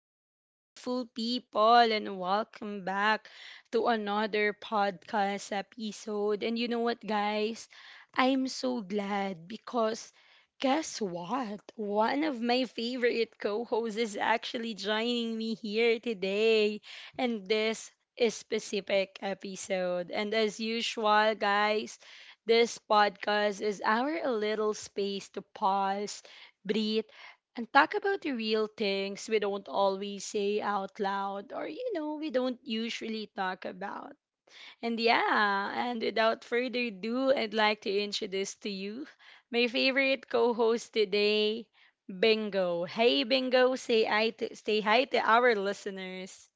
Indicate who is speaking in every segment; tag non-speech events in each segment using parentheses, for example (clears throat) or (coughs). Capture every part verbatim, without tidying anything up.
Speaker 1: Hello, beautiful people, and welcome back to another podcast episode. And you know what, guys? I'm so glad because guess what? One of my favorite co hosts is actually joining me here today. And this is specific episode. And as usual, guys, this podcast is our little space to pause breathe and talk about the real things we don't always say out loud or you know we don't usually talk about, and yeah, and without further ado, I'd like to introduce to you my favorite co-host today, Bingo. Hey Bingo, say i to, say hi to our listeners.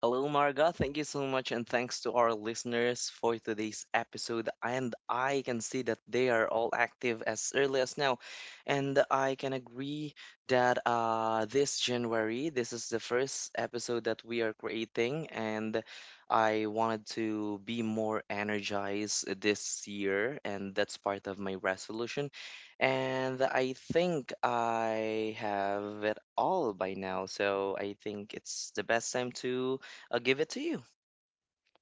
Speaker 2: Hello, Marga. Thank you so much, and thanks to our listeners for today's episode. And I can see that they are all active as early as now. And I can agree that uh, this January, this is the first episode that we are creating, and I wanted to be more energized this year, and that's part of my resolution. And I think I have it all by now, so I think it's the best time to. I'll give it to you.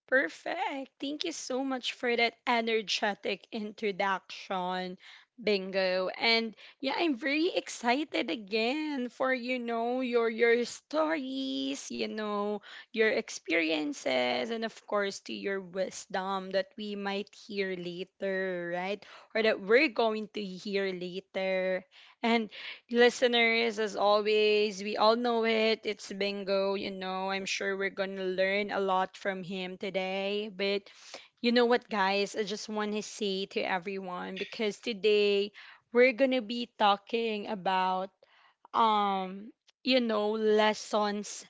Speaker 1: Perfect. Thank you so much for that energetic introduction, Bingo. And yeah, I'm very excited again for you know your your stories, you know, your experiences, and of course to your wisdom that we might hear later, right? Or that we're going to hear later. And listeners, as always, we all know it. It's Bingo, you know. I'm sure we're going to learn a lot from him today. But you know what, guys? I just want to say to everyone because today we're going to be talking about, um, you know, lessons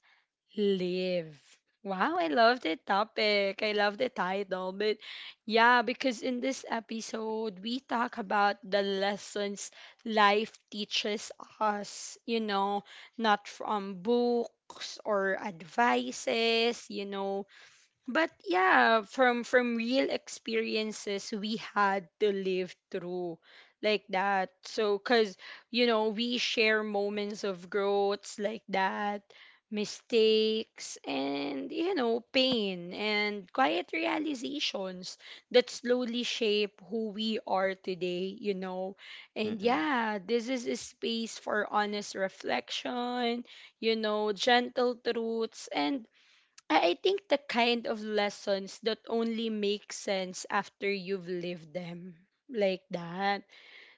Speaker 1: live. Wow, I love the topic. I love the title. But yeah, because in this episode, we talk about the lessons life teaches us, you know, not from books or advices, you know, but yeah, from from real experiences we had to live through like that. So cuz you know, we share moments of growths like that, mistakes and you know, pain and quiet realizations that slowly shape who we are today, you know. And
Speaker 2: Mm-mm.
Speaker 1: yeah, this is a space for honest reflection, you know, gentle truths, and I I think the kind of lessons that only make sense after you've lived them like that.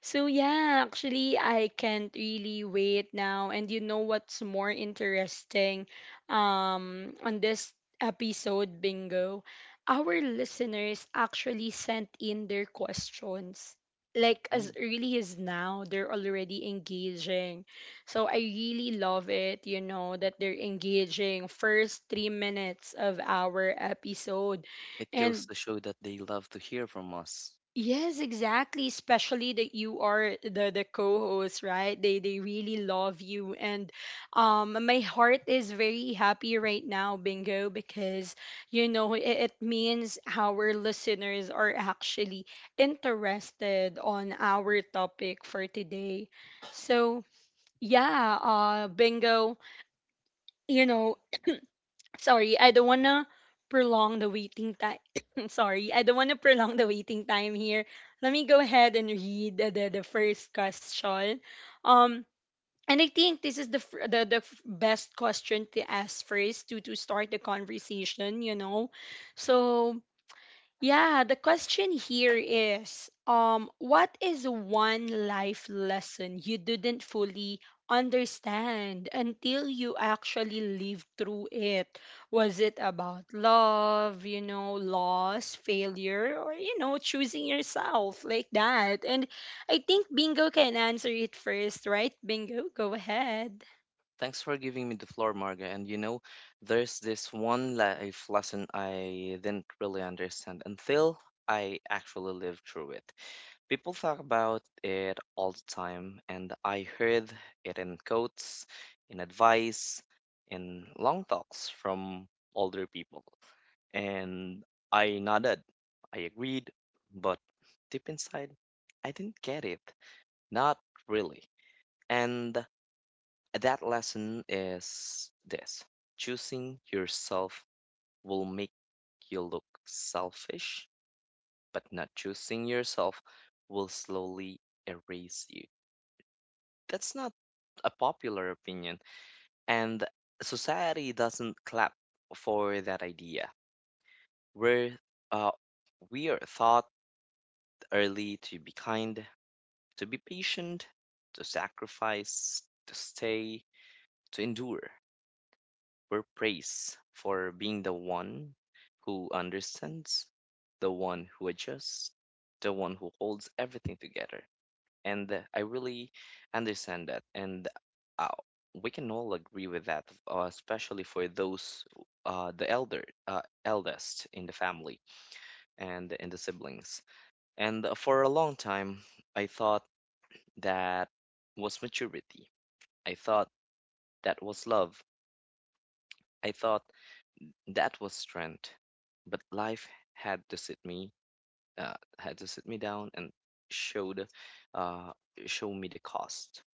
Speaker 1: So yeah, actually I can't really wait now. And you know what's more interesting um on this episode, Bingo? Our listeners actually sent in their questions. Like as
Speaker 2: Mm.
Speaker 1: early as now, they're already engaging. So I really love it, you know, that they're engaging first three minutes of our episode.
Speaker 2: It goes
Speaker 1: And
Speaker 2: to show that they love to hear from us.
Speaker 1: yes, exactly. Especially that you are the the co-host, right? They they really love you, and um, my heart is very happy right now, Bingo, because you know it, it means our listeners are actually interested on our topic for today. So yeah, uh, Bingo, you know sorry, I don't wanna prolong the waiting time. (coughs) Sorry, I don't wanna prolong the waiting time here. Let me go ahead and read the, the, the first question. Um, and I think this is the fir- the, the f- best question to ask first to to start the conversation. You know, so yeah, the question here is um what is one life lesson you didn't fully understand until you actually lived through it? Was it about love, you know, loss, failure, or you know, choosing yourself like that? And I think Bingo can answer it first, right? Bingo, go ahead.
Speaker 2: Thanks for giving me the floor, Marga. And you know, there's this one life lesson I didn't really understand until I actually lived through it. People talk about it all the time, and I heard it in quotes, in advice, in long talks from older people. And I nodded. I agreed, but deep inside, I didn't get it. Not really. And that lesson is this: choosing yourself will make you look selfish, but not choosing yourself will slowly erase you. That's not a popular opinion, and society doesn't clap for that idea. We're uh, we are thought early to be kind, to be patient, to sacrifice, to stay, to endure. We're praised for being the one who understands, the one who adjusts, the one who holds everything together. And uh, I really understand that. And uh, we can all agree with that, uh, especially for those, uh, the elder, uh, eldest in the family and in the siblings. And uh, for a long time, I thought that was maturity. I thought that was love. I thought that was strength. But life had to sit me, uh, had to sit me down and showed, uh, show me the cost.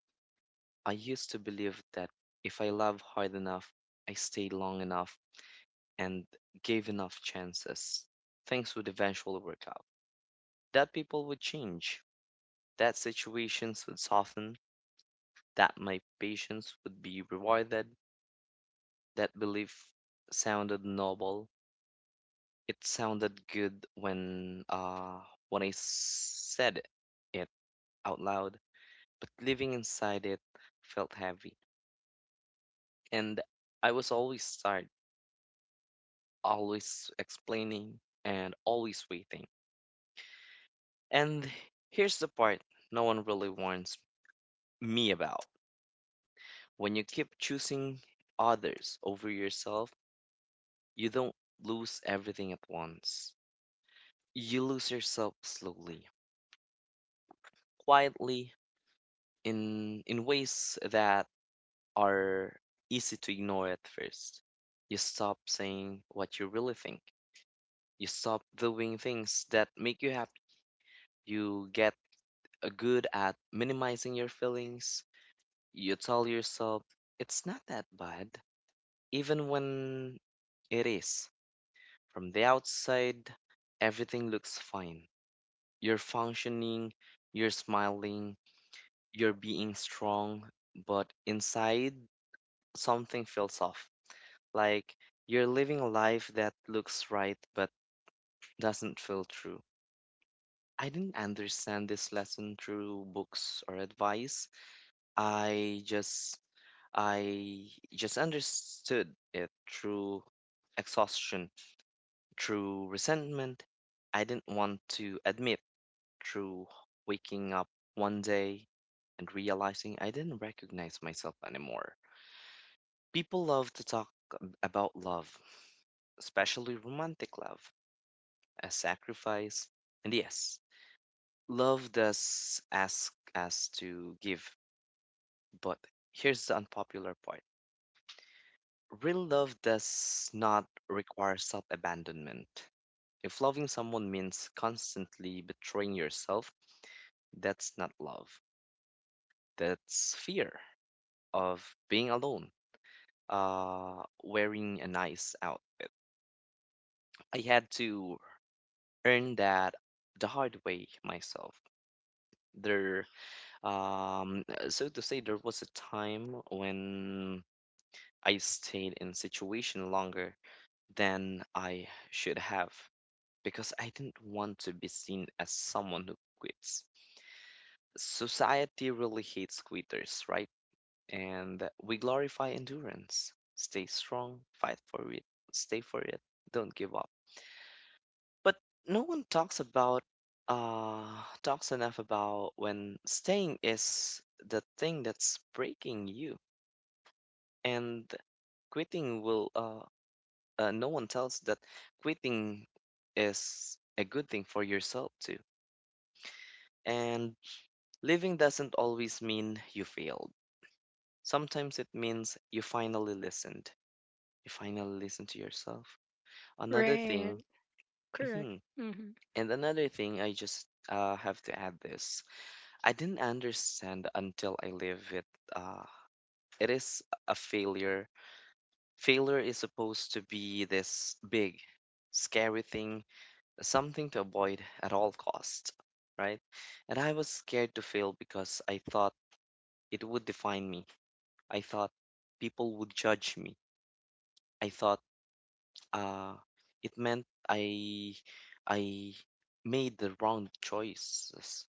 Speaker 2: I used to believe that if I love hard enough, I stayed long enough, and gave enough chances, things would eventually work out. That people would change, that situations would soften, that my patience would be rewarded. That belief sounded noble. It sounded good when uh when I said it out loud, but living inside it felt heavy. And I was always tired, always explaining and always waiting. And here's the part no one really warns me about. When you keep choosing others over yourself, you don't lose everything at once. You lose yourself slowly, quietly, in in ways that are easy to ignore at first. You stop saying what you really think. You stop doing things that make you happy. You get uh, good at minimizing your feelings. You tell yourself it's not that bad, even when it is. From the outside, everything looks fine. You're functioning, you're smiling, you're being strong, but inside, something feels off. Like you're living a life that looks right but doesn't feel true. I didn't understand this lesson through books or advice. I just I just understood it through exhaustion, through resentment. I didn't want to admit, through waking up one day and realizing I didn't recognize myself anymore. People love to talk ab- about love, especially romantic love, as sacrifice. And yes, love does ask us to give, but here's the unpopular part. Real love does not require self abandonment. If loving someone means constantly betraying yourself, that's not love. That's fear of being alone, uh, wearing a nice out. I had to earn that the hard way myself. There Um, uh, so to say, There was a time when I stayed in situation longer than I should have because I didn't want to be seen as someone who quits. Society really hates quitters, right? And we glorify endurance. Stay strong, fight for it, stay for it, don't give up. But no one talks about uh talks enough about when staying is the thing that's breaking you, and quitting will uh, uh no one tells that quitting is a good thing for yourself too, and living doesn't always mean you failed. Sometimes it means you finally listened. You finally listened to yourself. Another
Speaker 1: Right.
Speaker 2: thing.
Speaker 1: Correct.
Speaker 2: Mhm.
Speaker 1: Mhm.
Speaker 2: And another thing, I just uh, have to add this: I didn't understand until I live it. Uh, it is a failure. Failure is supposed to be this big scary thing, something to avoid at all costs, right? And I was scared to fail because I thought it would define me. I thought people would judge me. I thought uh, it meant I I made the wrong choices.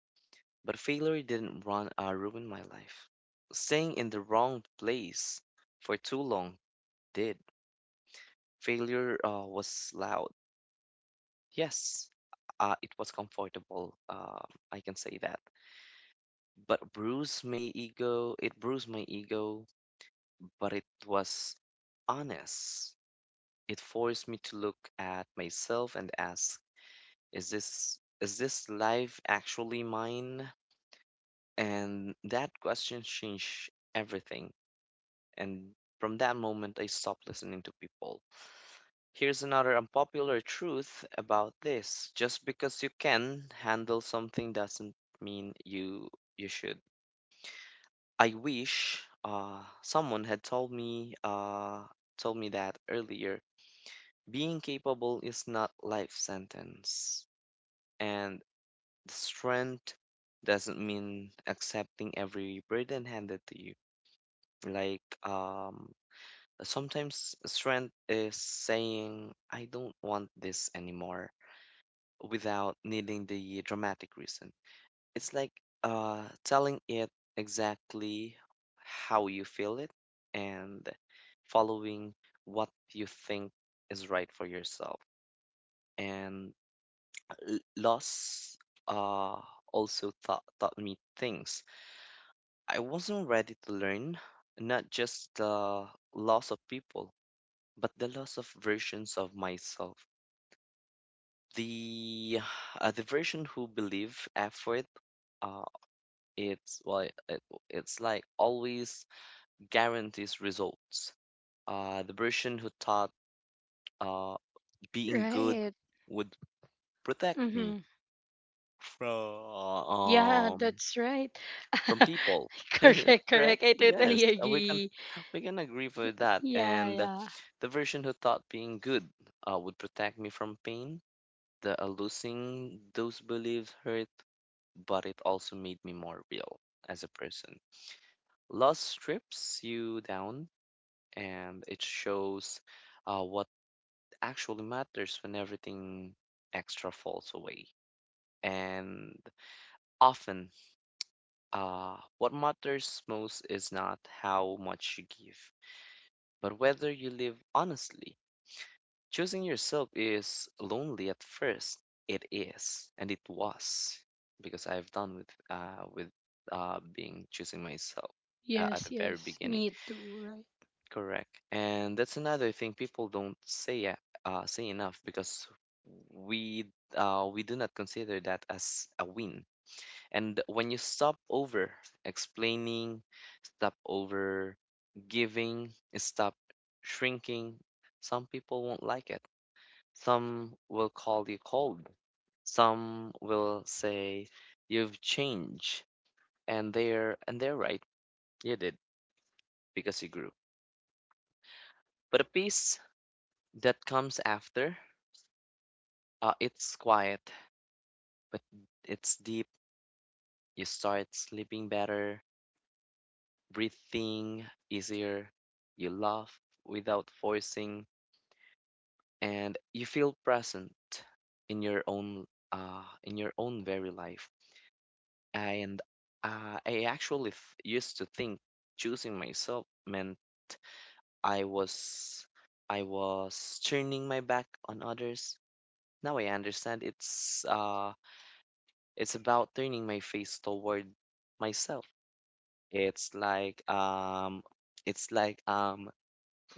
Speaker 2: But failure didn't run uh, ruin my life. Staying in the wrong place for too long did. Failure uh, was loud. Yes, uh, it was comfortable. Uh, I can say that. But bruised my ego, it bruised my ego, but it was honest. It forced me to look at myself and ask, is this is this life actually mine? And that question changed everything. And from that moment I stopped listening to people. Here's another unpopular truth about this. Just because you can handle something doesn't mean you you should. I wish uh, someone had told me uh, told me that earlier. Being capable is not life sentence, and the strength doesn't mean accepting every burden handed to you. Like um, sometimes strength is saying, "I don't want this anymore," without needing the dramatic reason. It's like uh, telling it exactly how you feel it and following what you think is right for yourself. And l- loss uh, also taught, taught me things I wasn't ready to learn, not just the loss of people, but the loss of versions of myself. The uh, the version who believe effort uh, it's well, it, it's like always guarantees results. Uh, the person who thought uh, being good
Speaker 1: Right.
Speaker 2: would protect me from
Speaker 1: Yeah,
Speaker 2: um,
Speaker 1: that's right.
Speaker 2: from
Speaker 1: (laughs)
Speaker 2: people. (laughs)
Speaker 1: Correct,
Speaker 2: Correct?
Speaker 1: correct. I
Speaker 2: Yes,
Speaker 1: totally
Speaker 2: uh, we can
Speaker 1: agree.
Speaker 2: we can agree for that.
Speaker 1: Yeah,
Speaker 2: And
Speaker 1: yeah.
Speaker 2: the version who thought being good uh, would protect me from pain. The uh, Losing those beliefs hurt, but it also made me more real as a person. Loss strips you down, and it shows uh, what actually matters when everything extra falls away. And often, uh, what matters most is not how much you give, but whether you live honestly. Choosing yourself is lonely at first. It is, and it was, because I've done with uh, with uh, being choosing myself uh, at the
Speaker 1: Yes,
Speaker 2: very
Speaker 1: yes.
Speaker 2: beginning.
Speaker 1: Me too, right?
Speaker 2: Correct. And that's another thing people don't say uh, uh, say enough, because we uh, we do not consider that as a win. And when you stop over explaining, stop over giving, stop shrinking, some people won't like it. Some will call you cold. Some will say you've changed, and they're and they're right. You did because you grew. But a piece that comes after, uh, it's quiet, but it's deep. You start sleeping better, breathing easier, you laugh without forcing, and you feel present in your own uh, in your own very life. And uh, I actually th- used to think choosing myself meant I was I was turning my back on others. Now I understand it's uh it's about turning my face toward myself. It's like um, it's like um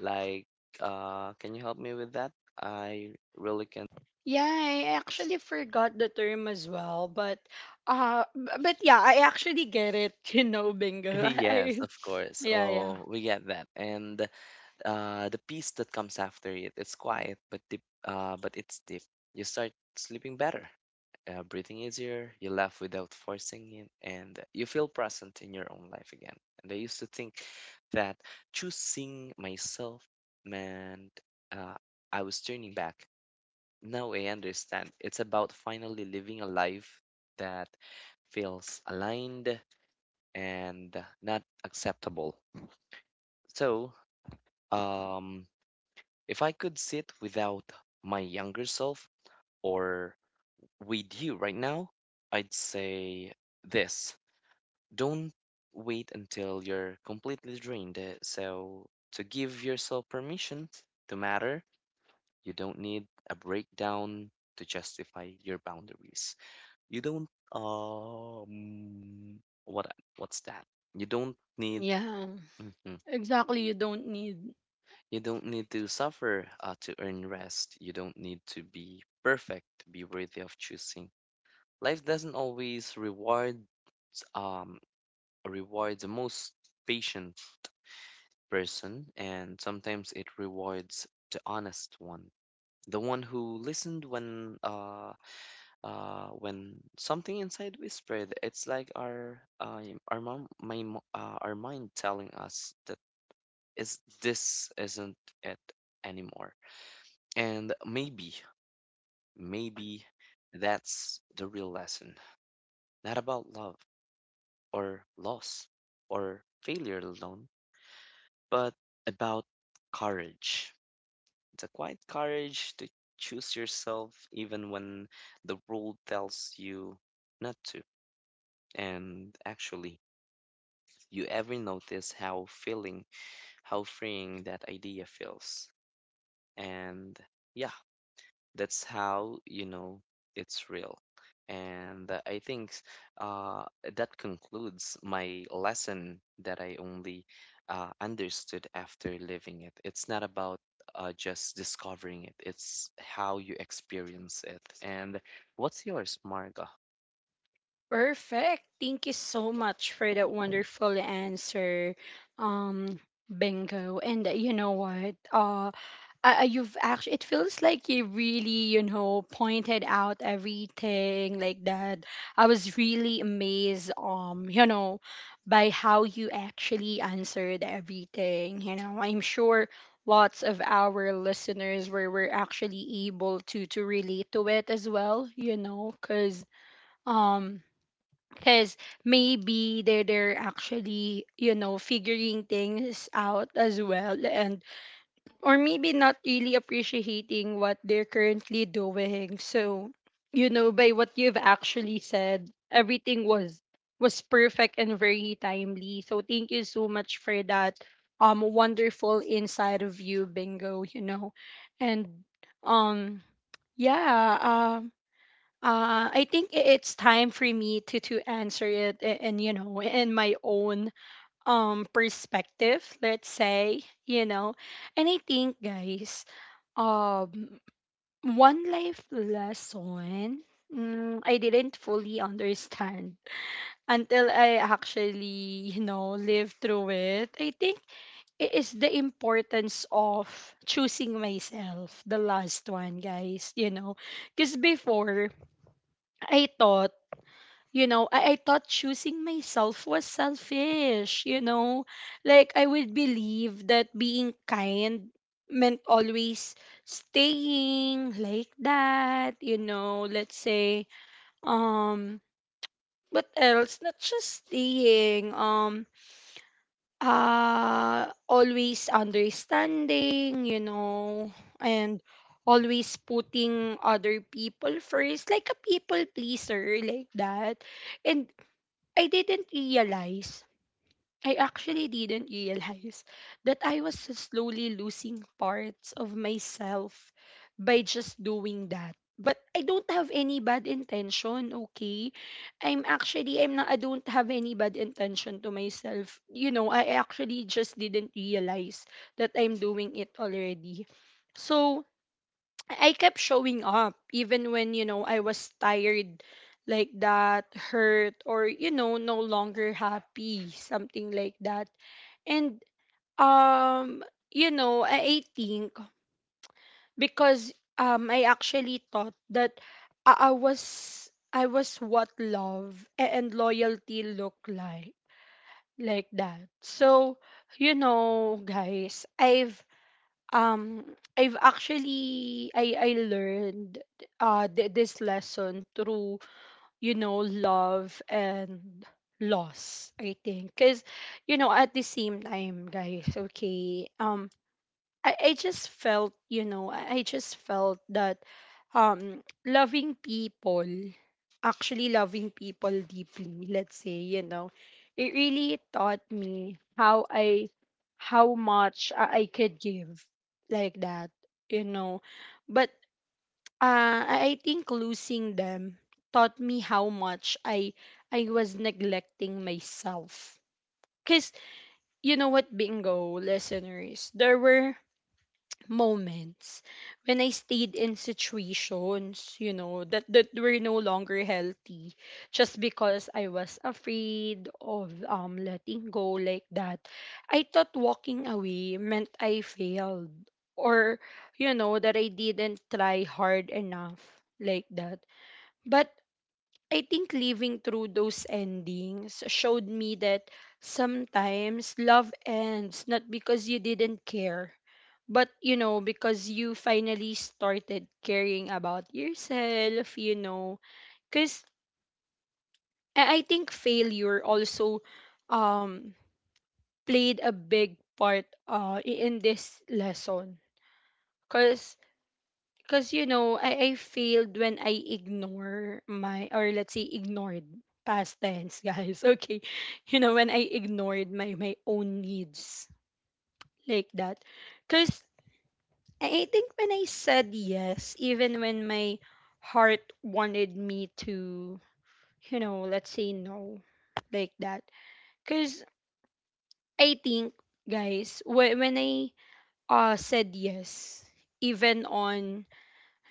Speaker 2: like uh can you help me with that? I really can.
Speaker 1: Yeah, I actually forgot the term as well, but uh b- but yeah, I actually get it, (laughs) you know,
Speaker 2: (laughs)
Speaker 1: Bingo. (laughs)
Speaker 2: Yes,
Speaker 1: I,
Speaker 2: of course.
Speaker 1: yeah, yeah.
Speaker 2: Oh, we get that. And uh, the piece that comes after it, it's quiet but deep, uh, but it's deep. You start sleeping better, uh, breathing easier, you laugh without forcing it, and you feel present in your own life again. And I used to think that choosing myself meant uh, I was turning back. No, I understand. It's about finally living a life that feels aligned and not acceptable. So, um, if I could sit without my younger self or with you right now, I'd say this. Don't wait until you're completely drained. uh, So, to give yourself permission to matter, you don't need a breakdown to justify your boundaries. You don't um what what's that? You don't need
Speaker 1: Yeah.
Speaker 2: mhm.
Speaker 1: Exactly, you don't need
Speaker 2: You don't need to suffer uh, to earn rest. You don't need to be perfect to be worthy of choosing. Life doesn't always reward um reward the most patient person, and sometimes it rewards the honest one, the one who listened when uh uh, when something inside whispered, it's like our uh, our mom, my, mo- uh, our mind telling us that is this isn't it anymore. And maybe, maybe that's the real lesson. Not about love or loss or failure alone, but about courage. The quiet courage to choose yourself even when the world tells you not to. And actually, you ever notice how feeling, how freeing that idea feels? And yeah, that's how you know it's real. And uh, I think uh, that concludes my lesson that I only uh, understood after living it. It's not about uh, just discovering it, it's how you experience it. And what's yours, Marga?
Speaker 1: perfect. Thank you so much for that wonderful answer. Um Bingo. And uh, you know what? Uh uh, you've actually it feels like you really you know pointed out everything like that. I was really amazed um you know by how you actually answered everything. you know I'm sure lots of our listeners were, were actually able to to relate to it as well. you know because um because maybe they're, they're actually you know figuring things out as well, and or maybe not really appreciating what they're currently doing. So, you know, by what you've actually said, everything was was perfect and very timely. So thank you so much for that um wonderful inside of you, bingo, you know. And um yeah, um uh, I think i- it's time for me to to answer it a- and you know in my own um perspective, let's say, you know. And I think, guys, um, one life lesson mm, I didn't fully understand until I actually, you know, lived through it. I think it is the importance of choosing myself, the last one, guys, you know. Because before, I thought you know I, I thought choosing myself was selfish. you know like I would believe that being kind meant always staying like that. you know let's say, um what else, not just staying, um uh always understanding, you know and always putting other people first, like a people pleaser like that. And I didn't realize, I actually didn't realize that I was slowly losing parts of myself by just doing that. But I don't have any bad intention, okay? I'm actually I'm not I don't have any bad intention to myself. You know, I actually just didn't realize that I'm doing it already. So, I kept showing up even when you know I was tired like that, hurt or you know no longer happy, something like that. And um you know I, I think because um I actually thought that I, I was I was what love a- and loyalty look like like that. So you know guys, I've um, I've actually I I learned uh th- this lesson through you know love and loss, I think. Because you know at the same time, guys, okay, um I I just felt you know I I just felt that, um loving people actually loving people deeply, let's say. you know it really taught me how i how much i I could give like that. you know but uh, i I think losing them taught me how much i i was neglecting myself. Because you know what, Bingo listeners, there were moments when I stayed in situations, you know, that that were no longer healthy just because I was afraid of um letting go like that. I thought walking away meant I failed, or you know that I didn't try hard enough like that. But I think living through those endings showed me that sometimes love ends not because you didn't care, but, you know, because you finally started caring about yourself. you know, because I I think failure also um played a big part uh i- in this lesson. Cause cause you know, I, I failed when I ignore my or let's say ignored, past tense, guys. (laughs) Okay. You know, when I ignored my my own needs like that. Cause I I think when I said yes, even when my heart wanted me to, you know, let's say no, like that. Because I think, guys, wh- when I uh, said yes, even on,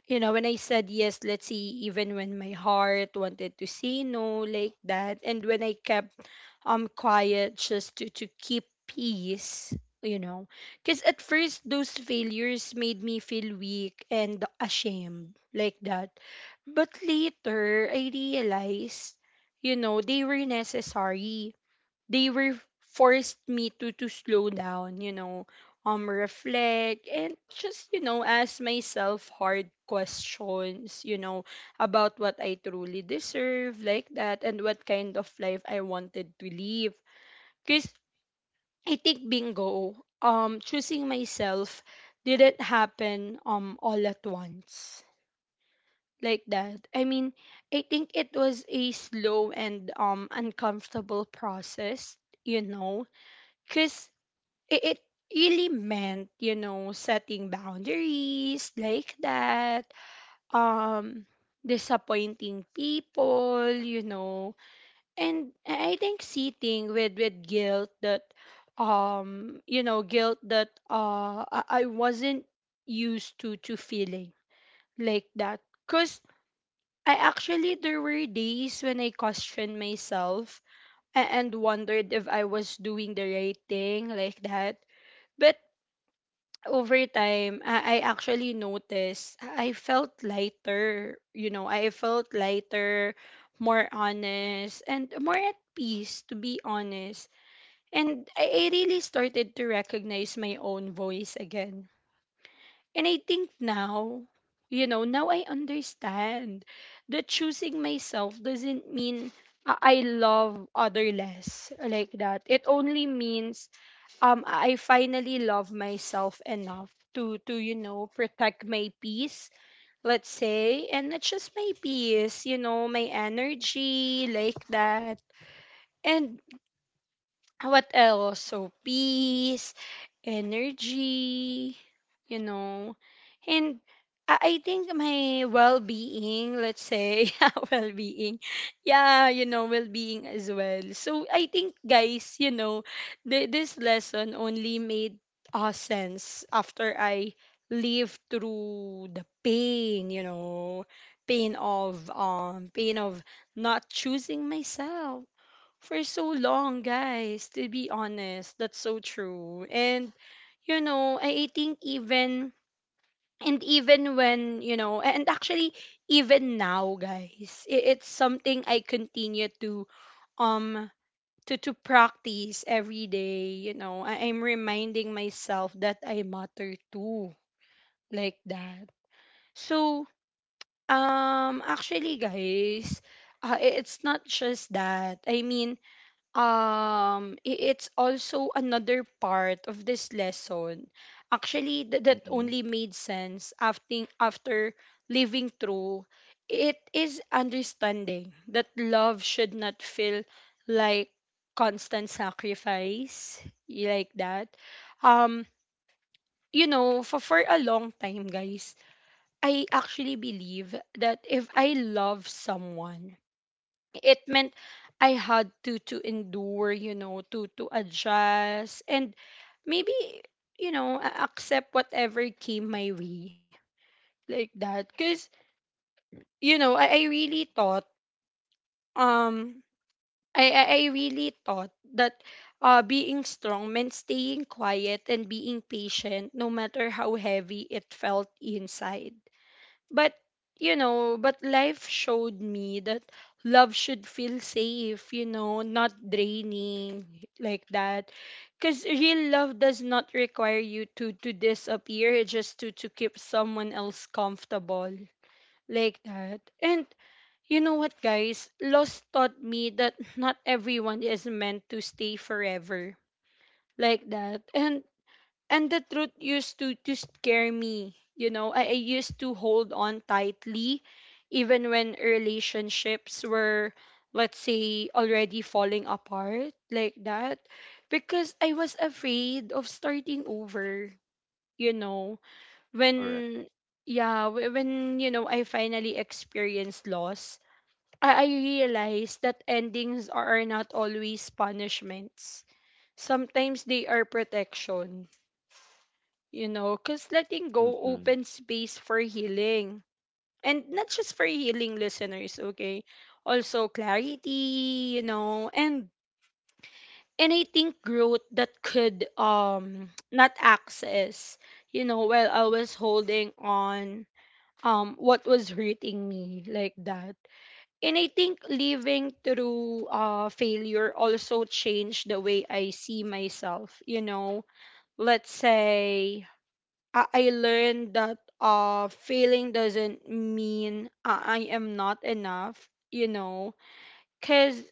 Speaker 1: you know, when I said yes, let's say, even when my heart wanted to say no, like that. And when I kept um quiet just to to keep peace. you know because at first those failures made me feel weak and ashamed like that. But later I realized, you know they were necessary. They were, forced me to to slow down, you know, um reflect and just, you know, ask myself hard questions, you know, about what I truly deserve like that, and what kind of life I wanted to live. Cuz I think, Bingo, um choosing myself didn't happen um all at once like that. I mean, I think it was a slow and um uncomfortable process. you know, cuz it, it really meant you know setting boundaries like that, um disappointing people. you know and i I think sitting with with guilt, that um you know guilt that uh i I wasn't used to to feeling like that. Because I actually, there were days when I questioned myself, a- and wondered if I was doing the right thing like that. But over time, I, I actually noticed I felt lighter. You know, I felt lighter, more honest, and more at peace, to be honest. And I, I really started to recognize my own voice again. And I think now, you know, now I understand that choosing myself doesn't mean I I love other less like that. It only means um I finally love myself enough to to you know protect my peace, let's say. And not just my peace, you know my energy like that. And what else, so peace, energy, you know and I I think my well-being, let's say, (laughs) yeah, well-being, yeah, you know, well-being as well. So I think, guys, you know, th- this lesson only made uh, sense after I lived through the pain. You know, pain of um, pain of not choosing myself for so long, guys. To be honest, that's so true. And, you know, I I think even and even when you know and actually even now, guys, i- it's something I continue to um to to practice every day. you know I, I'm reminding myself that I matter too, like that. So um actually, guys, uh, i- it's not just that, I mean, um i- it's also another part of this lesson, actually, th- that only made sense after after living through it, is understanding that love should not feel like constant sacrifice, y- like that. um you know for, for a long time, guys, I actually believe that if I love someone, it meant I had to to endure, you know, to to adjust, and maybe, you know a- accept whatever came my way, like that. Cause, you know I, I really thought, um I, I I really thought that uh being strong meant staying quiet and being patient no matter how heavy it felt inside. But you know, but life showed me that love should feel safe, you know, not draining, like that. Cause real love does not require you to to disappear, just to to keep someone else comfortable, like that. And you know what, guys? Loss taught me that not everyone is meant to stay forever, like that. And and the truth used to to scare me. You know I, I used to hold on tightly even when relationships were, let's say, already falling apart, like that, because I was afraid of starting over, you know.
Speaker 2: Correct.
Speaker 1: When Yeah. Wh- when you know I finally experienced loss, i, I realized that endings are not always punishments. Sometimes they are protection, you know, because letting go
Speaker 2: Mm-mm.
Speaker 1: opens space for healing. And not just for healing, listeners, okay? Also clarity, you know. And and I think growth that could um (tsk) not access, you know, while I was holding on um what was hurting me, like that. And I think living through uh failure also changed the way I see myself, you know. Let's say, I, I learned that uh failing doesn't mean I, I am not enough, you know. Cause,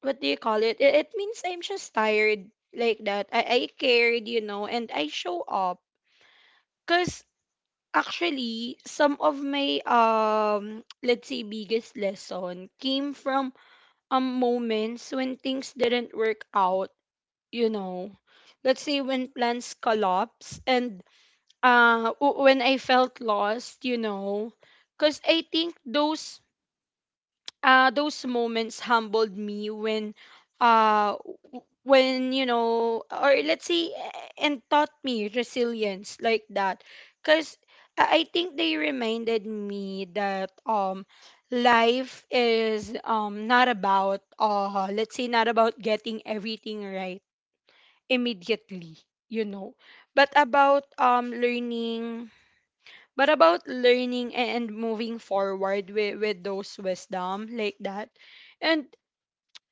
Speaker 1: what do you call it? It, it means I'm just tired, like that. I, I cared, you know, and I show up. Cause, actually, some of my um (tsk) let's say biggest lesson came from um moments when things didn't work out, you know. Let's say when plans collapse, and uh w- when I felt lost, you know, because I think those, uh those moments humbled me when uh w- when you know or let's say, eh, and taught me resilience, like that, because I I think they reminded me that um life is um not about, uh let's say, not about getting everything right immediately, you know, but about, um learning but about learning and moving forward with, with those wisdom, like that. And,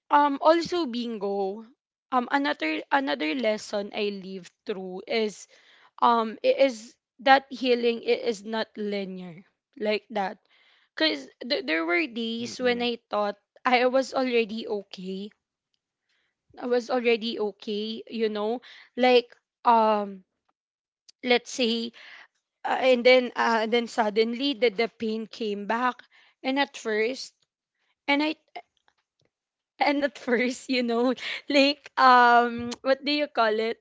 Speaker 1: um also, bingo. Um another another lesson I lived through is, um i- is that healing i- is not linear, like that. Cause th- there were days when
Speaker 2: Mm-mm.
Speaker 1: I thought I was already okay. I was already okay, you know. Like, um let's say. Uh, and then, uh, then suddenly the, the pain came back. And at first and I and at first, you know, (laughs) like, um (tsk) what do you call it?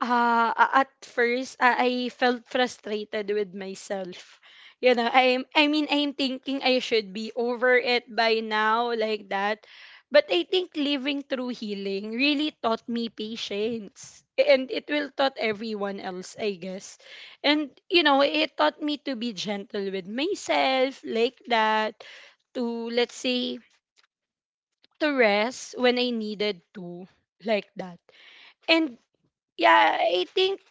Speaker 1: Uh a- at first I I felt frustrated with myself. You know, I'm I mean, I'm thinking I should be over it by now, like that. But I think living through healing really taught me patience. And it will taught everyone else, I guess. And you know, it taught me to be gentle with myself, like that, to, let's say, to rest when I needed to, like that. And yeah, I think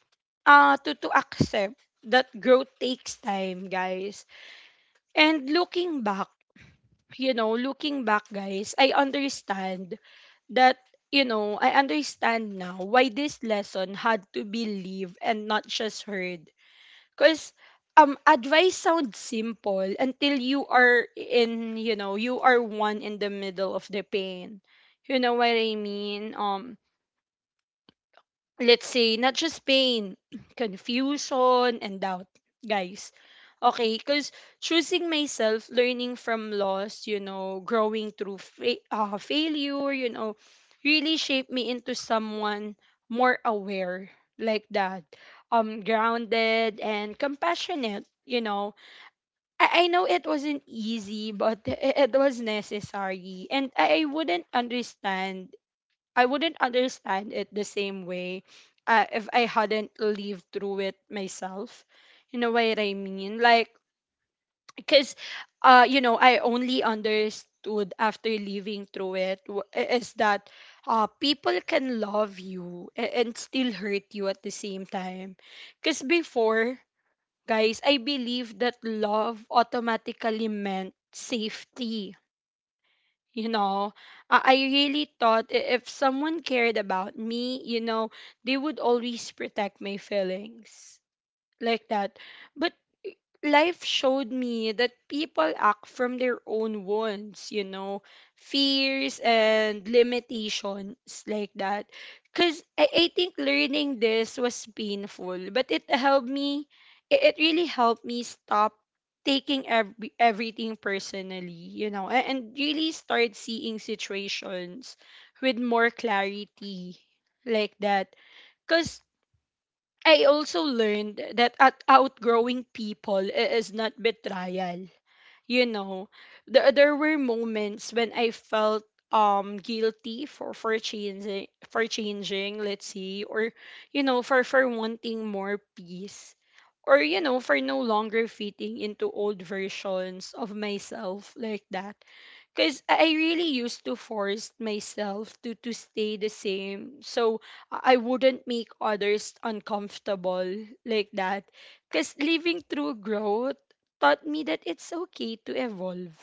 Speaker 1: uh to to accept that growth takes time, guys. And looking back, you know, looking back, guys, I understand that you know, I understand now why this lesson had to be lived and not just heard. Cause, um advice sounds simple until you are in, you know, you are one in the middle of the pain. You know what I mean? Um let's say, not just pain, (clears throat) confusion, and doubt, guys. Okay, because choosing myself, learning from loss, you know, growing through fa- uh, failure, you know, really shaped me into someone more aware, like that, um, grounded and compassionate, you know. I, I know it wasn't easy, but (laughs) i- it was necessary. And I, I wouldn't understand I wouldn't understand it the same way, uh, if I hadn't lived through it myself. You know what I mean? Like, because, uh, you know, I only understood after living through it, w- is that, uh, people can love you, a- and still hurt you at the same time. Because before, guys, I believed that love automatically meant safety. You know i I really thought, i- if someone cared about me, you know, they would always protect my feelings, like that. But life showed me that people act from their own wounds, you know, fears, and limitations, like that. Because I, I think learning this was painful, but it helped me, it, it really helped me stop taking every, everything personally, you know, and, and really start seeing situations with more clarity, like that. Because I also learned that at outgrowing people i- is not betrayal. You know, there, there were moments when I felt um guilty, for for changing for changing let's say, or, you know, for for wanting more peace, or, you know, for no longer fitting into old versions of myself, like that, because I really used to force myself to to stay the same, so I I wouldn't make others uncomfortable, like that, because living through growth taught me that it's okay to evolve,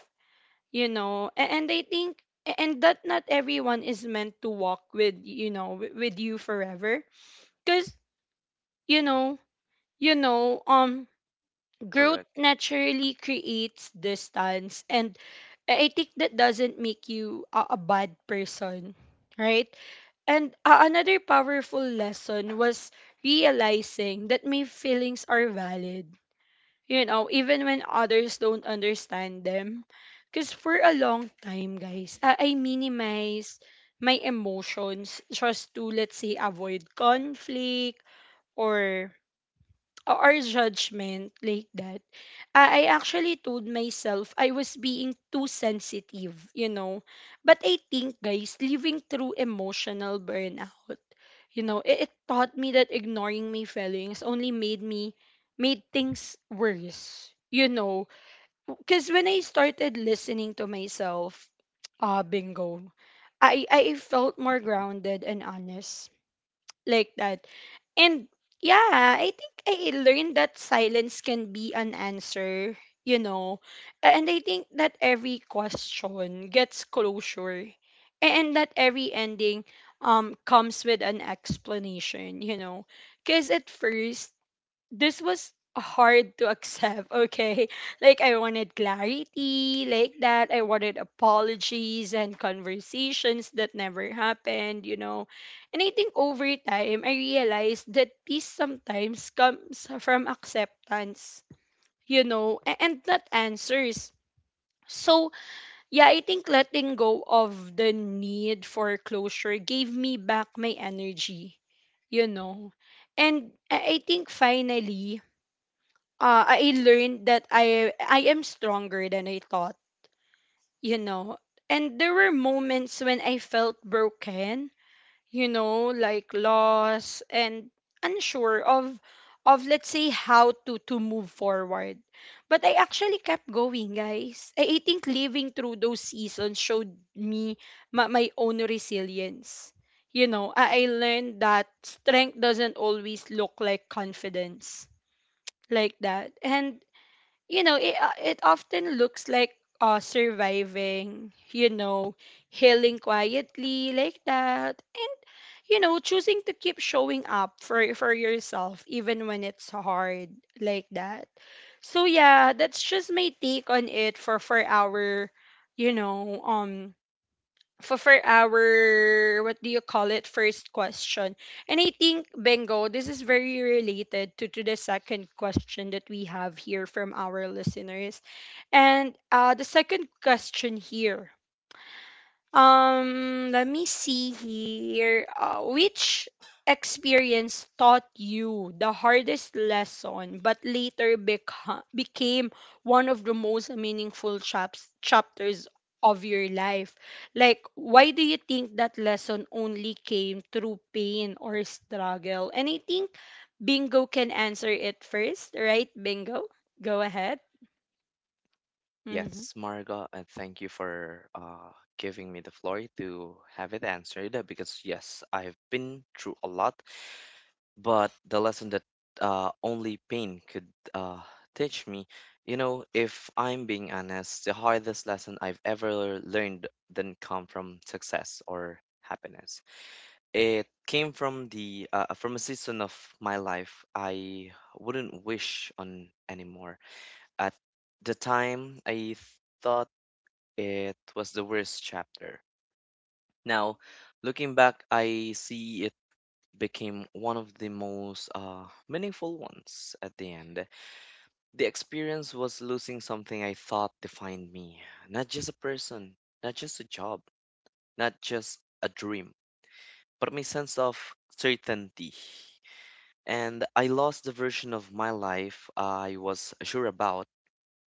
Speaker 1: you know. A- and I think, and that not everyone is meant to walk with, you know wi- with you forever, because, you know you know um growth
Speaker 2: Correct.
Speaker 1: naturally creates distance, and I I think that doesn't make you a, a bad person, right? And uh, another powerful lesson was realizing that my feelings are valid, you know, even when others don't understand them. Because for a long time, guys, I, I minimized my emotions just to, let's say, avoid conflict or or judgment, like that. I I actually told myself I was being too sensitive, you know. But I think, guys, living through emotional burnout, you know, it, it taught me that ignoring my feelings only made me, made things worse, you know. Because when I started listening to myself, ah, bingo, I, I felt more grounded and honest, like that. And yeah, I think I learned that silence can be an answer, you know. And I think that every question gets closure and that every ending um comes with an explanation, you know. Cuz at first, this was hard to accept, okay? (laughs) Like, I wanted clarity, like that. I wanted apologies and conversations that never happened, you know. And I think over time I realized that peace sometimes comes from acceptance, you know, a- and not answers. So, yeah, I think letting go of the need for closure gave me back my energy, you know. And I I think finally, uh, I learned that I I am stronger than I thought, you know. And there were moments when I felt broken, you know, like lost and unsure of, of let's say, how to to move forward. But I actually kept going, guys. I, I think living through those seasons showed me my, my own resilience. You know, I, I learned that strength doesn't always look like confidence, like that. And you know, it, uh, it often looks like uh surviving, you know, healing quietly, like that, and, you know, choosing to keep showing up for for yourself, even when it's hard, like that. So, yeah, that's just my take on it for for our you know um for for our, what do you call it, first question. And I think, Bengo, this is very related to to the second question that we have here from our listeners. And uh, the second question here. Um, let me see here. Uh, which experience taught you the hardest lesson, but later beca- became one of the most meaningful chaps- chapters of your life? Like, why do you think that lesson only came through pain or struggle? And I think Bingo can answer it first, right? Bingo, go ahead. Hmm.
Speaker 2: Yes, Marga, and thank you for uh, giving me the floor to have it answered, uh, because, yes, I've been through a lot, but the lesson that uh, only pain could uh, teach me, you know, if I'm being honest, the hardest lesson I've ever learned didn't come from success or happiness. It came from the uh, from a season of my life I wouldn't wish on anymore. At the time, I thought it was the worst chapter. Now, looking back, I see it became one of the most uh, meaningful ones at the end. The experience was losing something I thought defined me, not just a person, not just a job, not just a dream, but my sense of certainty. And I lost the version of my life I was sure about,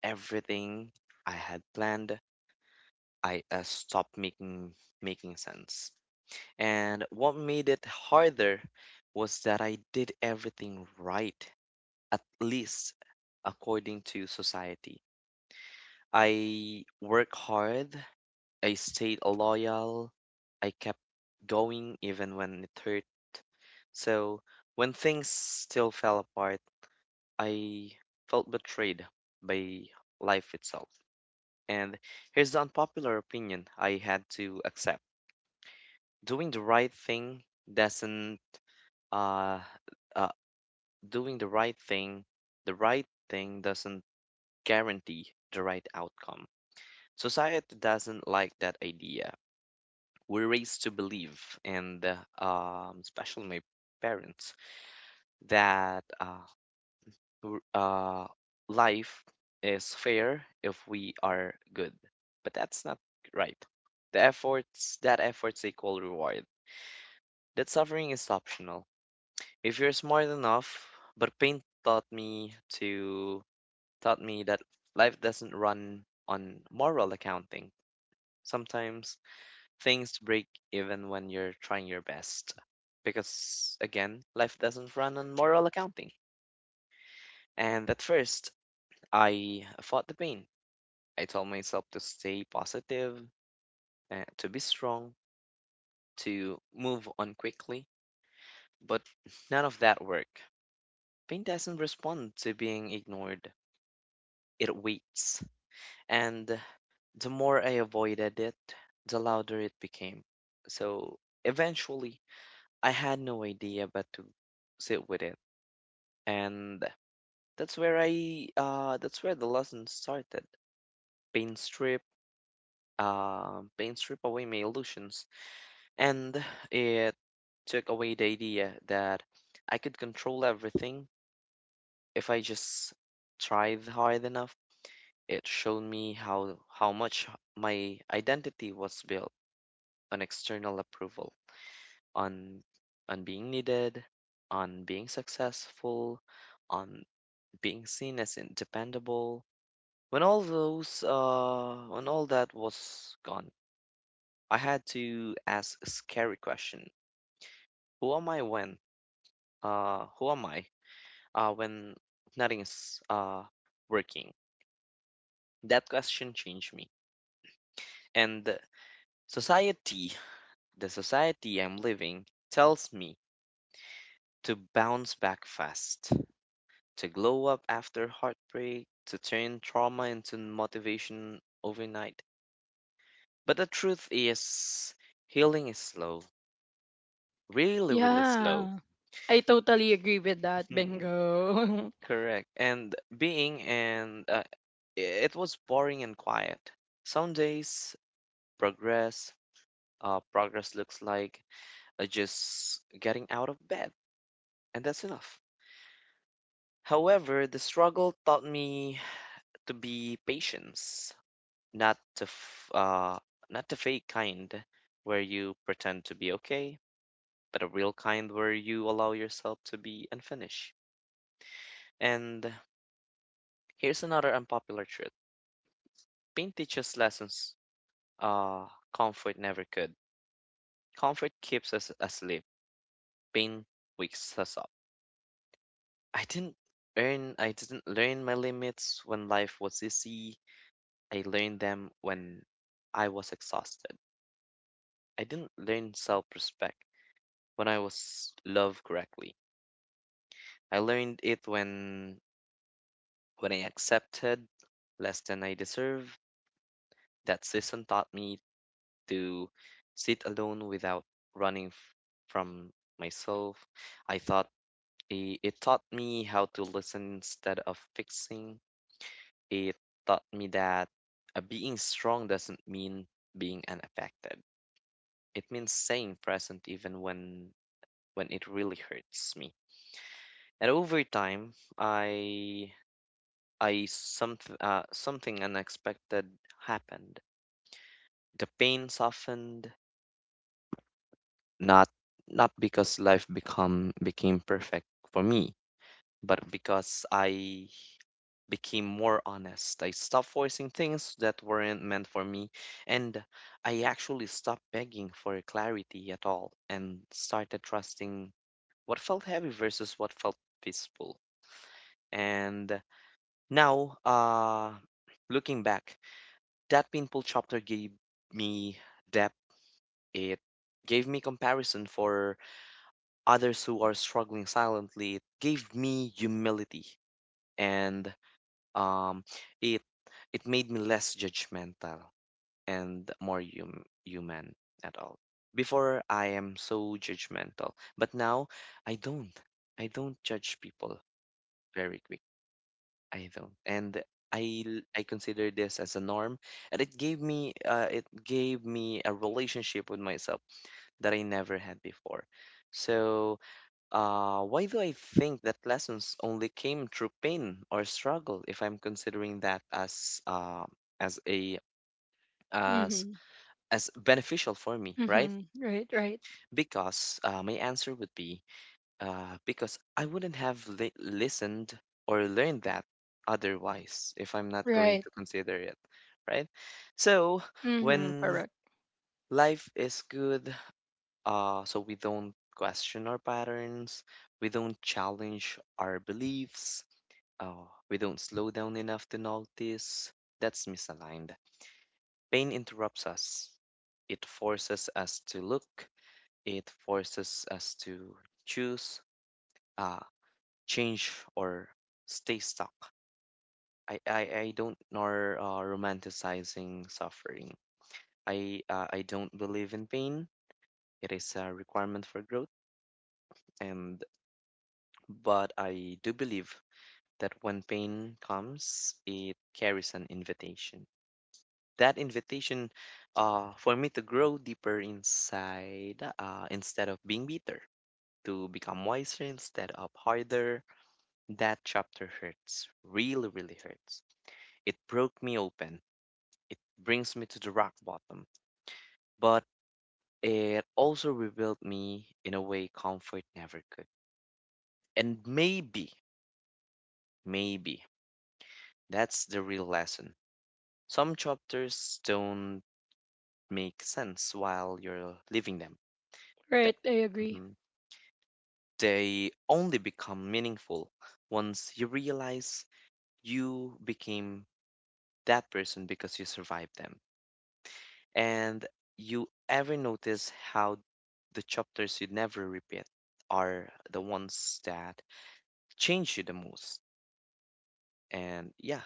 Speaker 2: everything I had planned. I uh, stopped making making sense. And what made it harder was that I did everything right, at least according to society. I worked hard, I stayed loyal, I kept going even when it hurt. So when things still fell apart, I felt betrayed by life itself. And here's the unpopular opinion I had to accept. Doing the right thing doesn't uh, uh, doing the right thing, the right thing doesn't guarantee the right outcome. Society doesn't like that idea. We're raised to believe, and uh, um, especially my parents, that uh, w- uh, life is fair if we are good. But that's not right. The efforts, that efforts equal reward. That suffering is optional. If you're smart enough, but pain taught me to taught me that life doesn't run on moral accounting. Sometimes things break even when you're trying your best. Because, again, life doesn't run on moral accounting. And at first, I fought the pain. I told myself to stay positive, uh, to be strong, to move on quickly. But none of that worked. Pain doesn't respond to being ignored, it waits. And the more I avoided it, the louder it became. So eventually, I had no idea but to sit with it. And that's where I, uh, that's where the lesson started. Paint strip, uh, Paint strip away my illusions. And it took away the idea that I could control everything if I just tried hard enough. It showed me how how much my identity was built on external approval, on on being needed, on being successful, on being seen as dependable. When all those, uh, when all that was gone, I had to ask a scary question: Who am I when? Uh, who am I Uh, when nothing is uh working? That question changed me, and the society, the society I'm living tells me to bounce back fast, to glow up after heartbreak, to turn trauma into motivation overnight. But the truth is, healing is slow, really, really slow.
Speaker 1: Yeah.
Speaker 2: (laughs)
Speaker 1: I totally agree with that,
Speaker 2: Mhm.
Speaker 1: Bingo.
Speaker 2: Correct. And being and uh, I- it was boring and quiet. Some days, progress, uh, progress looks like uh, just getting out of bed, and that's enough. However, the struggle taught me to be patient. not the f- uh not the fake kind where you pretend to be okay, but a real kind where you allow yourself to be unfinished. And here's another unpopular truth. Pain teaches lessons uh comfort never could. Comfort keeps us asleep. Pain wakes us up. I didn't earn I didn't learn my limits when life was easy. I learned them when I was exhausted. I didn't learn self-respect when I was loved correctly. I learned it when when I accepted less than I deserve. That season taught me to sit alone without running f- from myself. I thought i- it taught me how to listen instead of fixing. It taught me that uh, being strong doesn't mean being unaffected. It means staying present even when when it really hurts me. And over time, I I someth uh, something unexpected happened. The pain softened, not not because life become became perfect for me, but because I became more honest. I stopped voicing things that weren't meant for me, and I actually stopped begging for clarity at all and started trusting what felt heavy versus what felt peaceful. And now, uh, looking back, that painful chapter gave me depth. It gave me comparison for others who are struggling silently. It gave me humility, and um, it it made me less judgmental and more hum- human at all. Before I am so judgmental, but now I don't. I don't judge people very quickly. I don't. And I l- I consider this as a norm, and it gave me uh, it gave me a relationship with myself that I never had before. So, uh, why do I think that lessons only came through pain or struggle? If I'm considering that as uh, as a
Speaker 1: (laughs)
Speaker 2: as
Speaker 1: Mhm.
Speaker 2: as beneficial for me, right?
Speaker 1: Mhm. Right, right.
Speaker 2: Because uh, my answer would be, uh, because I wouldn't have li- listened or learned that otherwise if I'm not going
Speaker 1: Right.
Speaker 2: to consider it, right? So
Speaker 1: Mhm.
Speaker 2: when
Speaker 1: Correct.
Speaker 2: life is good, uh, so we don't question our patterns, we don't challenge our beliefs, uh, we don't slow down enough to notice that's misaligned. Pain interrupts us. It forces us to look. It forces us to choose. Uh, Change or stay stuck. I, I, I don't nor uh, romanticizing suffering. I uh, I don't believe in pain. It is a requirement for growth, and but I do believe that when pain comes, it carries an invitation. That invitation, uh, for me to grow deeper inside, uh, instead of being bitter, to become wiser instead of harder. That chapter hurts, really, really hurts. It broke me open. It brings me to the rock bottom. But it also rebuilt me in a way comfort never could. And maybe, maybe that's the real lesson. Some chapters don't make sense while you're living them. The-
Speaker 1: Right, I agree.
Speaker 2: Mhm. They only become meaningful once you realize you became that person because you survived them. And you ever notice how the chapters you never repeat are the ones that change you the most? And yeah,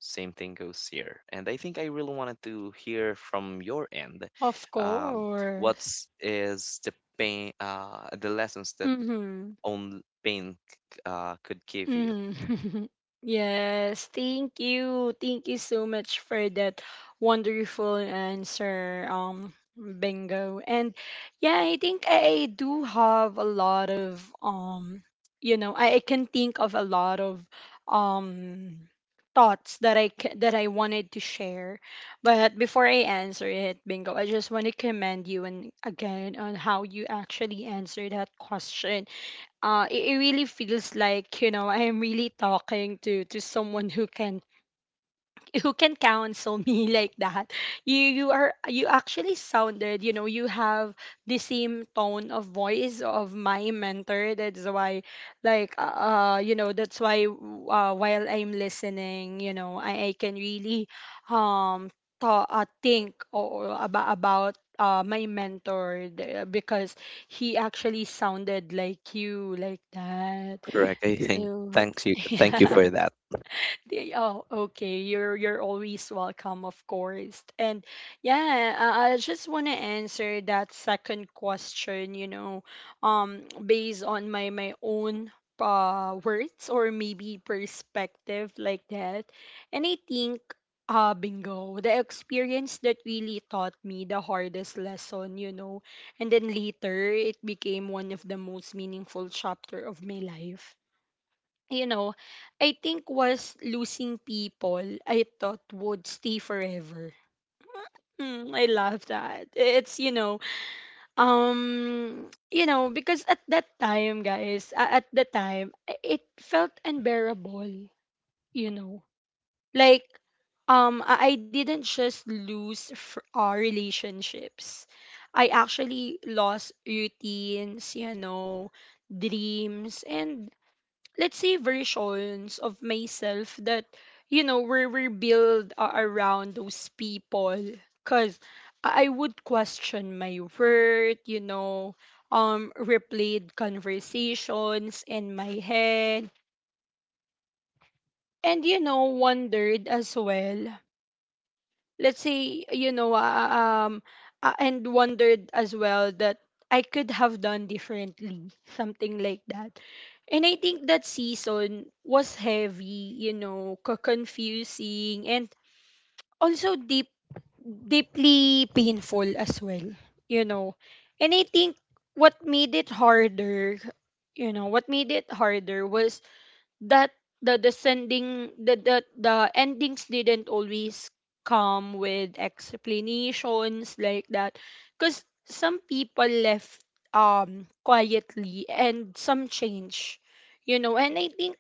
Speaker 2: same thing goes here. And I think I really wanted to hear from your end,
Speaker 1: Of
Speaker 2: um,
Speaker 1: course.
Speaker 2: what's is the pain, uh, the lessons that
Speaker 1: Mhm.
Speaker 2: own pain uh, could give you.
Speaker 1: Mhm. (laughs) Yes, thank you. Thank you so much for that wonderful answer, um, Bingo. And yeah, I think I I do have a lot of, um, you know, I, I can think of a lot of um thoughts that I ca- that I wanted to share. But before I answer it, Bingo, I just want to commend you and again on how you actually answered that question. uh, it, it really feels like, you know, I am really talking to to someone who can, who can counsel me (laughs) like that. You you are you actually sounded, you know, you have the same tone of voice of my mentor. That's why, like, uh uh, you know, that's why, uh, while I'm listening, you know, i, I can really um th- uh, think or about about uh, my mentor, the- because he actually sounded like you, like that.
Speaker 2: Correct. I (laughs) think
Speaker 1: So
Speaker 2: thanks you.
Speaker 1: (laughs)
Speaker 2: Thank you
Speaker 1: yeah.
Speaker 2: for that.
Speaker 1: They- oh, okay. You're you're always welcome, of course. And yeah, I, I just want to answer that second question. You know, um, based on my my own uh words, or maybe perspective like that. And I think. Uh, Bingo, the experience that really taught me the hardest lesson, you know, and then later it became one of the most meaningful chapter of my life, you know, I think was losing people I thought would stay forever. Mm, I love that. It's, you know, um, you know, because at that time, guys, a- at the time, i- it felt unbearable, you know. Like, um, I I didn't just lose fr- uh, relationships. I actually lost routines, you know, dreams, and let's say versions of myself that, you know, were rebuilt a- around those people. Because i I would question my worth, you know, um replayed conversations in my head, and, you know, wondered as well, let's say, you know, uh, um uh, and wondered as well that I could have done differently, something like that. And I think that season was heavy, you know, co- confusing and also deep, deeply painful as well, you know. And I think what made it harder, you know, what made it harder was that the descending the, the the endings didn't always come with explanations, like that. Because some people left, um, quietly and some change, you know. And I think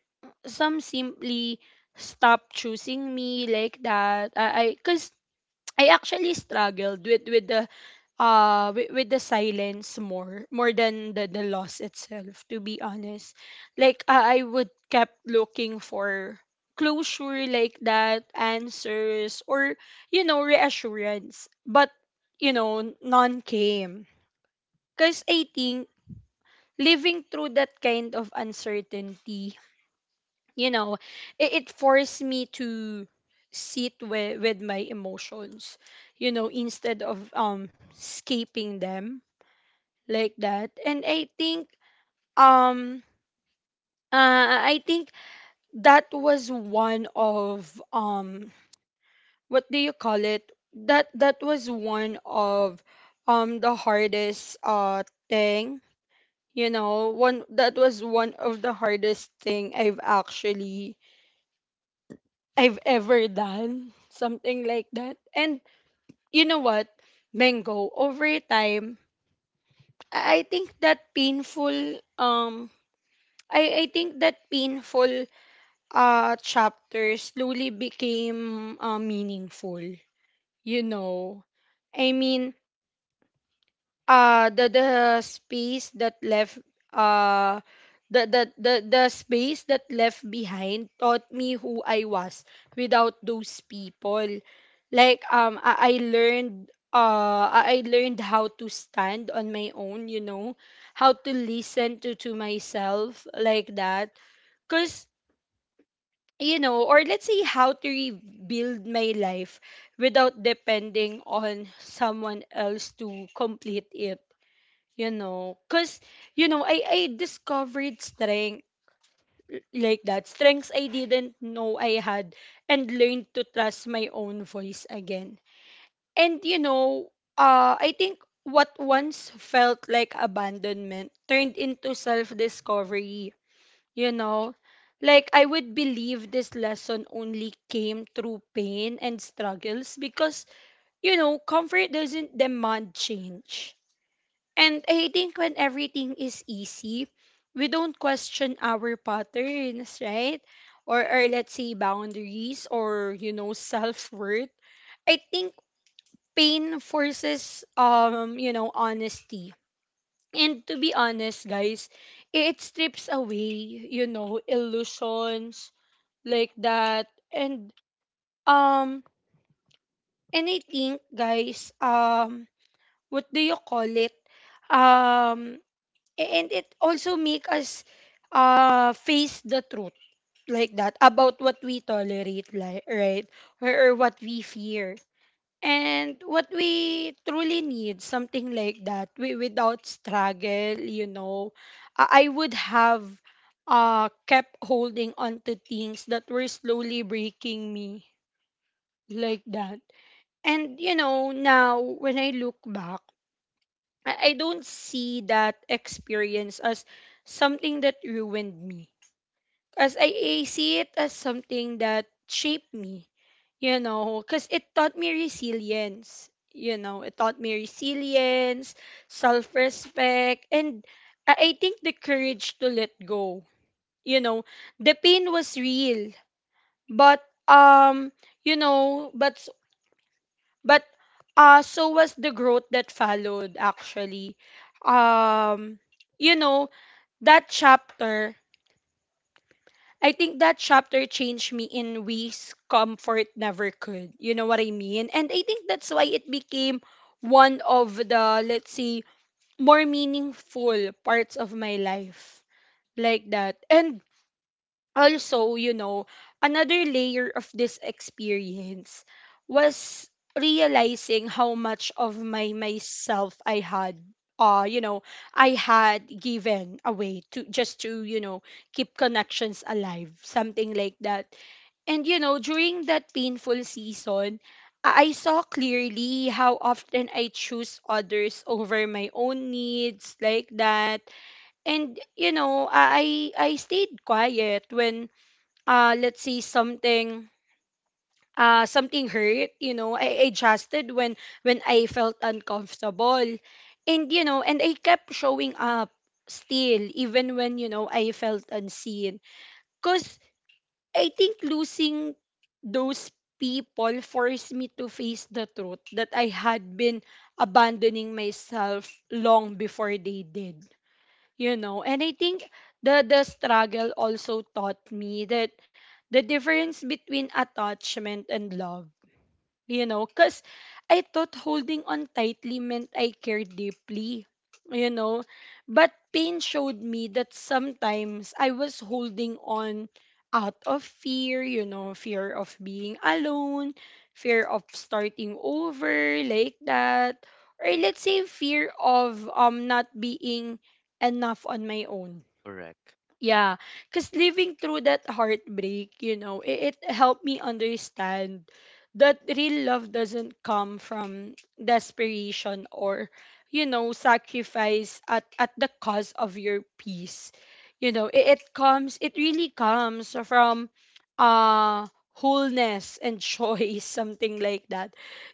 Speaker 1: some simply stopped choosing me, like that. i because I, 'cause I actually struggled with with the uh with, with the silence more, more than the, the loss itself, to be honest. Like, uh, I would kept looking for closure, like that, answers or, you know, reassurance, but, you know, none came. Because I think living through that kind of uncertainty, you know, it, it forced me to sit with, with my emotions, you know, instead of um escaping them, like that. And I think, um uh I think that was one of, um, what do you call it? That that was one of, um, the hardest uh thing, you know. One That was one of the hardest thing I've actually, I've ever done, something like that. And you know what? Mango, over time, I I think that painful, um, I I think that painful, uh, chapter slowly became, uh, meaningful. You know, I mean, uh, the the space that left, uh, the, the the the space that left behind taught me who I was without those people. Like, um, I, I learned, uh I I learned how to stand on my own, you know, how to listen to to myself, like that. Cause. You know, or let's say, how to rebuild my life without depending on someone else to complete it, you know. Because, you know, I, I discovered strength, like that, strengths I didn't know I had, and learned to trust my own voice again. And, you know, uh, I think what once felt like abandonment turned into self discovery. You know, like, I would believe this lesson only came through pain and struggles, because, you know, comfort doesn't demand change. And I think when everything is easy, we don't question our patterns, right? Or, or let's say, boundaries or, you know, self worth. I think pain forces, um, you know, honesty. And to be honest, guys, it strips away, you know, illusions, like that. And um and I think, guys, um, what do you call it? Um, and it also make us uh face the truth, like that, about what we tolerate, like, right? or, or what we fear, and what we truly need, something like that. We, without struggle, you know, i, I would have uh kept holding on to things that were slowly breaking me, like that. And you know, now when I look back, I, I don't see that experience as something that ruined me. As I, I see it as something that shaped me, you know, because it taught me resilience. You know, it taught me resilience, self respect, and, I, I think, the courage to let go. You know, the pain was real, but um, you know, but But uh so was the growth that followed, actually. Um, you know, that chapter, I think that chapter changed me in ways comfort never could. You know what I mean? And I think that's why it became one of the, let's say, more meaningful parts of my life, like that. And also, you know, another layer of this experience was realizing how much of my myself I had, uh you know, I had given away to, just to, you know, keep connections alive, something like that. And you know, during that painful season, i I saw clearly how often I choose others over my own needs, like that. And you know, i i I stayed quiet when, uh let's see something uh something hurt, you know. I adjusted when when I felt uncomfortable. And you know, and I kept showing up still, even when, you know, I felt unseen. Because I think losing those people forced me to face the truth that I had been abandoning myself long before they did, you know. And I think the the struggle also taught me that, the difference between attachment and love, you know. Because I thought holding on tightly meant I cared deeply, you know, but pain showed me that sometimes I was holding on out of fear, you know, fear of being alone, fear of starting over, like that, or let's say, fear of, um, not being enough on my own.
Speaker 2: Correct.
Speaker 1: Yeah, because living through that heartbreak, you know, it, it helped me understand that real love doesn't come from desperation or, you know, sacrifice at at the cost of your peace, you know. It, it comes it really comes from, uh, wholeness and choice, (laughs) something like that.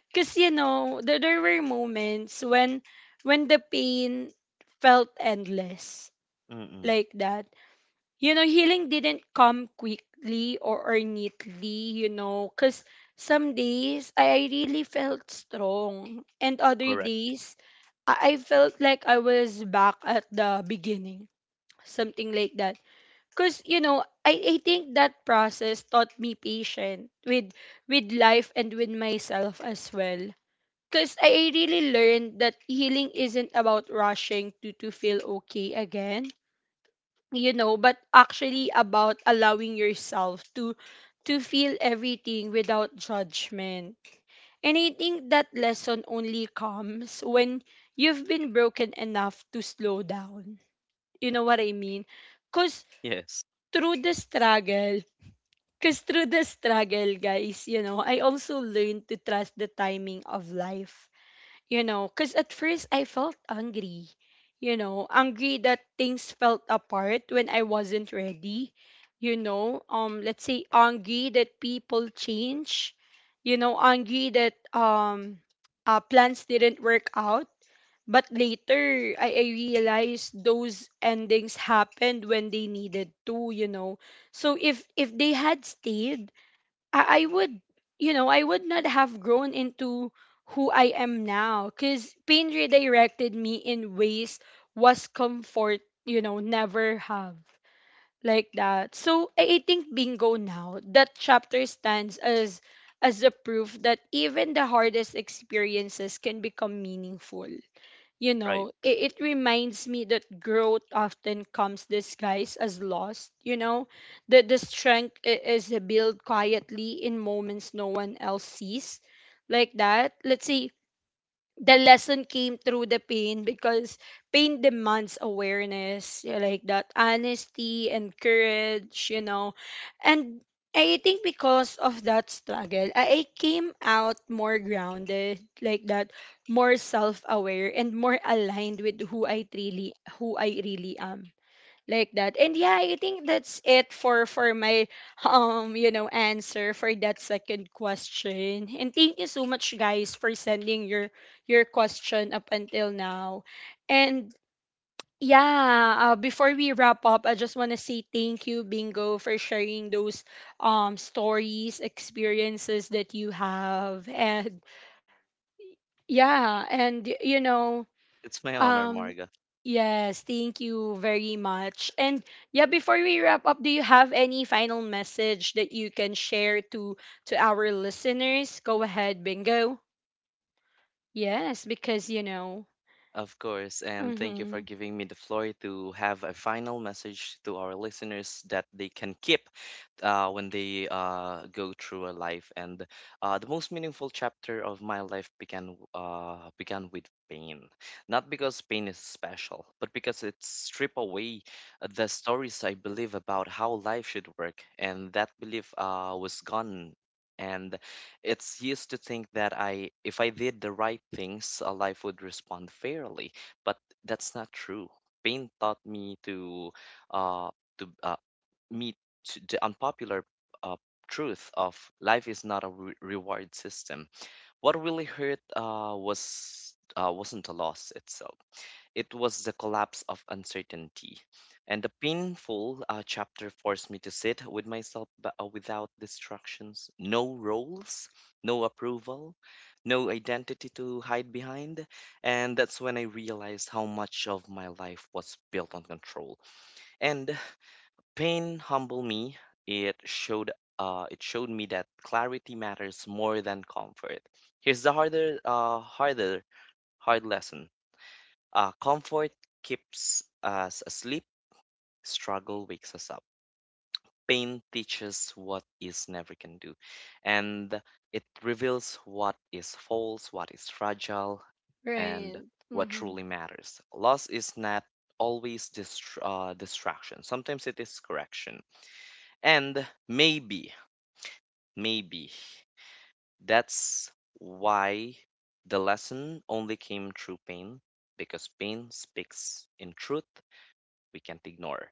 Speaker 1: Because, you know, there, there were moments when when the pain felt endless,
Speaker 2: Mm-mm.
Speaker 1: like that. You know, healing didn't come quickly or, or neatly, you know, because some days I I really felt strong, and other
Speaker 2: Correct.
Speaker 1: days I I felt like I was back at the beginning, something like that. Because, you know, I, I think that process taught me patient with with life and with myself as well. Because I I really learned that healing isn't about rushing to, to feel okay again, you know, but actually about allowing yourself to to feel everything without judgment. And I think that lesson only comes when you've been broken enough to slow down, you know what I mean. because
Speaker 2: Yes.
Speaker 1: through the struggle because through the struggle, guys, you know, I also learned to trust the timing of life. You know, because at first I felt angry, you know, angry that things felt apart when I wasn't ready, you know, um, let's say angry that people change, you know, angry that, um, uh, plans didn't work out. But later, I, I realized those endings happened when they needed to, you know. So if if they had stayed, I, I would, you know, I would not have grown into who I am now, because pain redirected me in ways was comfort, you know, never have, like that. So, I, I think, Bingo, now that chapter stands as as a proof that even the hardest experiences can become meaningful. You
Speaker 2: Right.
Speaker 1: know, it, it reminds me that growth often comes disguised as loss. You know, that the strength i- is built quietly in moments no one else sees. Like that. Let's say the lesson came through the pain, because pain demands awareness, yeah, like that, honesty and courage, you know. And I think because of that struggle, i I came out more grounded, like that, more self-aware, and more aligned with who I really, who I really am, like that. And yeah, I think that's it for for my (laughs) um, you know, answer for that second question. And thank you so much, guys, for sending your your question up until now. And yeah, uh, before we wrap up, I just want to say thank you, Bingo, for sharing those, um, stories, experiences that you have. And yeah, and y- you know,
Speaker 2: It's my honor,
Speaker 1: um,
Speaker 2: Marga.
Speaker 1: yes, thank you very much. And yeah, before we wrap up, do you have any final message that you can share to to our listeners? Go ahead, Bingo. Yes, because you know.
Speaker 2: Of course, and thank you
Speaker 1: Mm-hmm.
Speaker 2: for giving me the floor to have a final message to our listeners that they can keep uh, when they uh, go through a life. And uh, the most meaningful chapter of my life began uh, began with pain, not because pain is special, but because it strip away uh, the stories I believe about how life should work, and that belief uh, was gone. And it's used to think that I, if I did the right things, uh, life would respond fairly, but that's not true. Pain taught me to, uh, to uh, meet to the unpopular uh, truth of life is not a re reward system. What really hurt uh, was uh, wasn't a loss itself, it was the collapse of uncertainty. And the painful uh, chapter forced me to sit with myself but, uh, without distractions, no roles, no approval, no identity to hide behind. And that's when I realized how much of my life was built on control. And pain humbled me. It showed uh, it showed me that clarity matters more than comfort. Here's the harder, uh, harder, hard lesson. Uh, comfort keeps us asleep, struggle wakes us up. Pain teaches what is never can do, and it reveals what is false, what is fragile, and
Speaker 1: Right.
Speaker 2: what
Speaker 1: Mm-hmm.
Speaker 2: truly matters. Loss is not always dist- uh, distraction, sometimes it is correction. And maybe, maybe that's why the lesson only came through pain, because pain speaks in truth we can't ignore.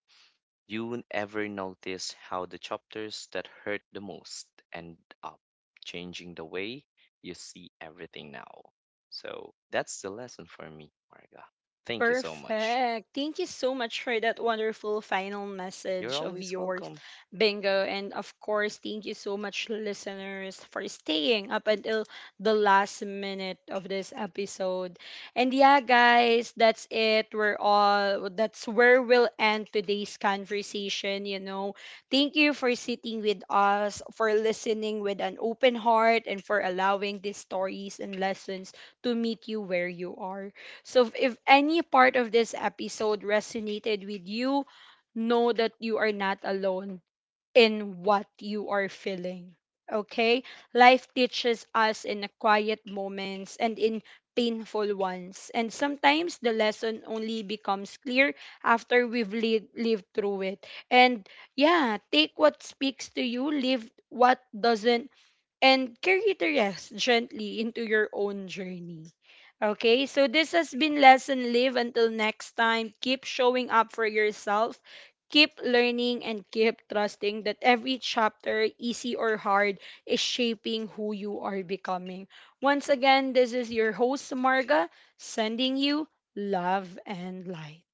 Speaker 2: You won't ever notice how the chapters that hurt the most end up changing the way you see everything now? So that's the lesson for me, Marga. Thank you so much.
Speaker 1: Perfect. Thank you so much for that wonderful final
Speaker 2: You're
Speaker 1: message of
Speaker 2: always
Speaker 1: yours,
Speaker 2: welcome.
Speaker 1: Bingo. And of course, thank you so much, listeners, for staying up until the last minute of this episode. And yeah, guys, that's it. We're all, that's where we'll end today's conversation. You know, thank you for sitting with us, for listening with an open heart, and for allowing these stories and lessons to meet you where you are. So if if any part of this episode resonated with you, know that you are not alone in what you are feeling. Okay? Life teaches us in the quiet moments and in painful ones. And sometimes the lesson only becomes clear after we've li- lived through it. And yeah, take what speaks to you, leave what doesn't, and carry the rest gently into your own journey. Okay, so this has been Lesson Live. Until next time, keep showing up for yourself, keep learning, and keep trusting that every chapter, easy or hard, is shaping who you are becoming. Once again, this is your host, Marga, sending you love and light.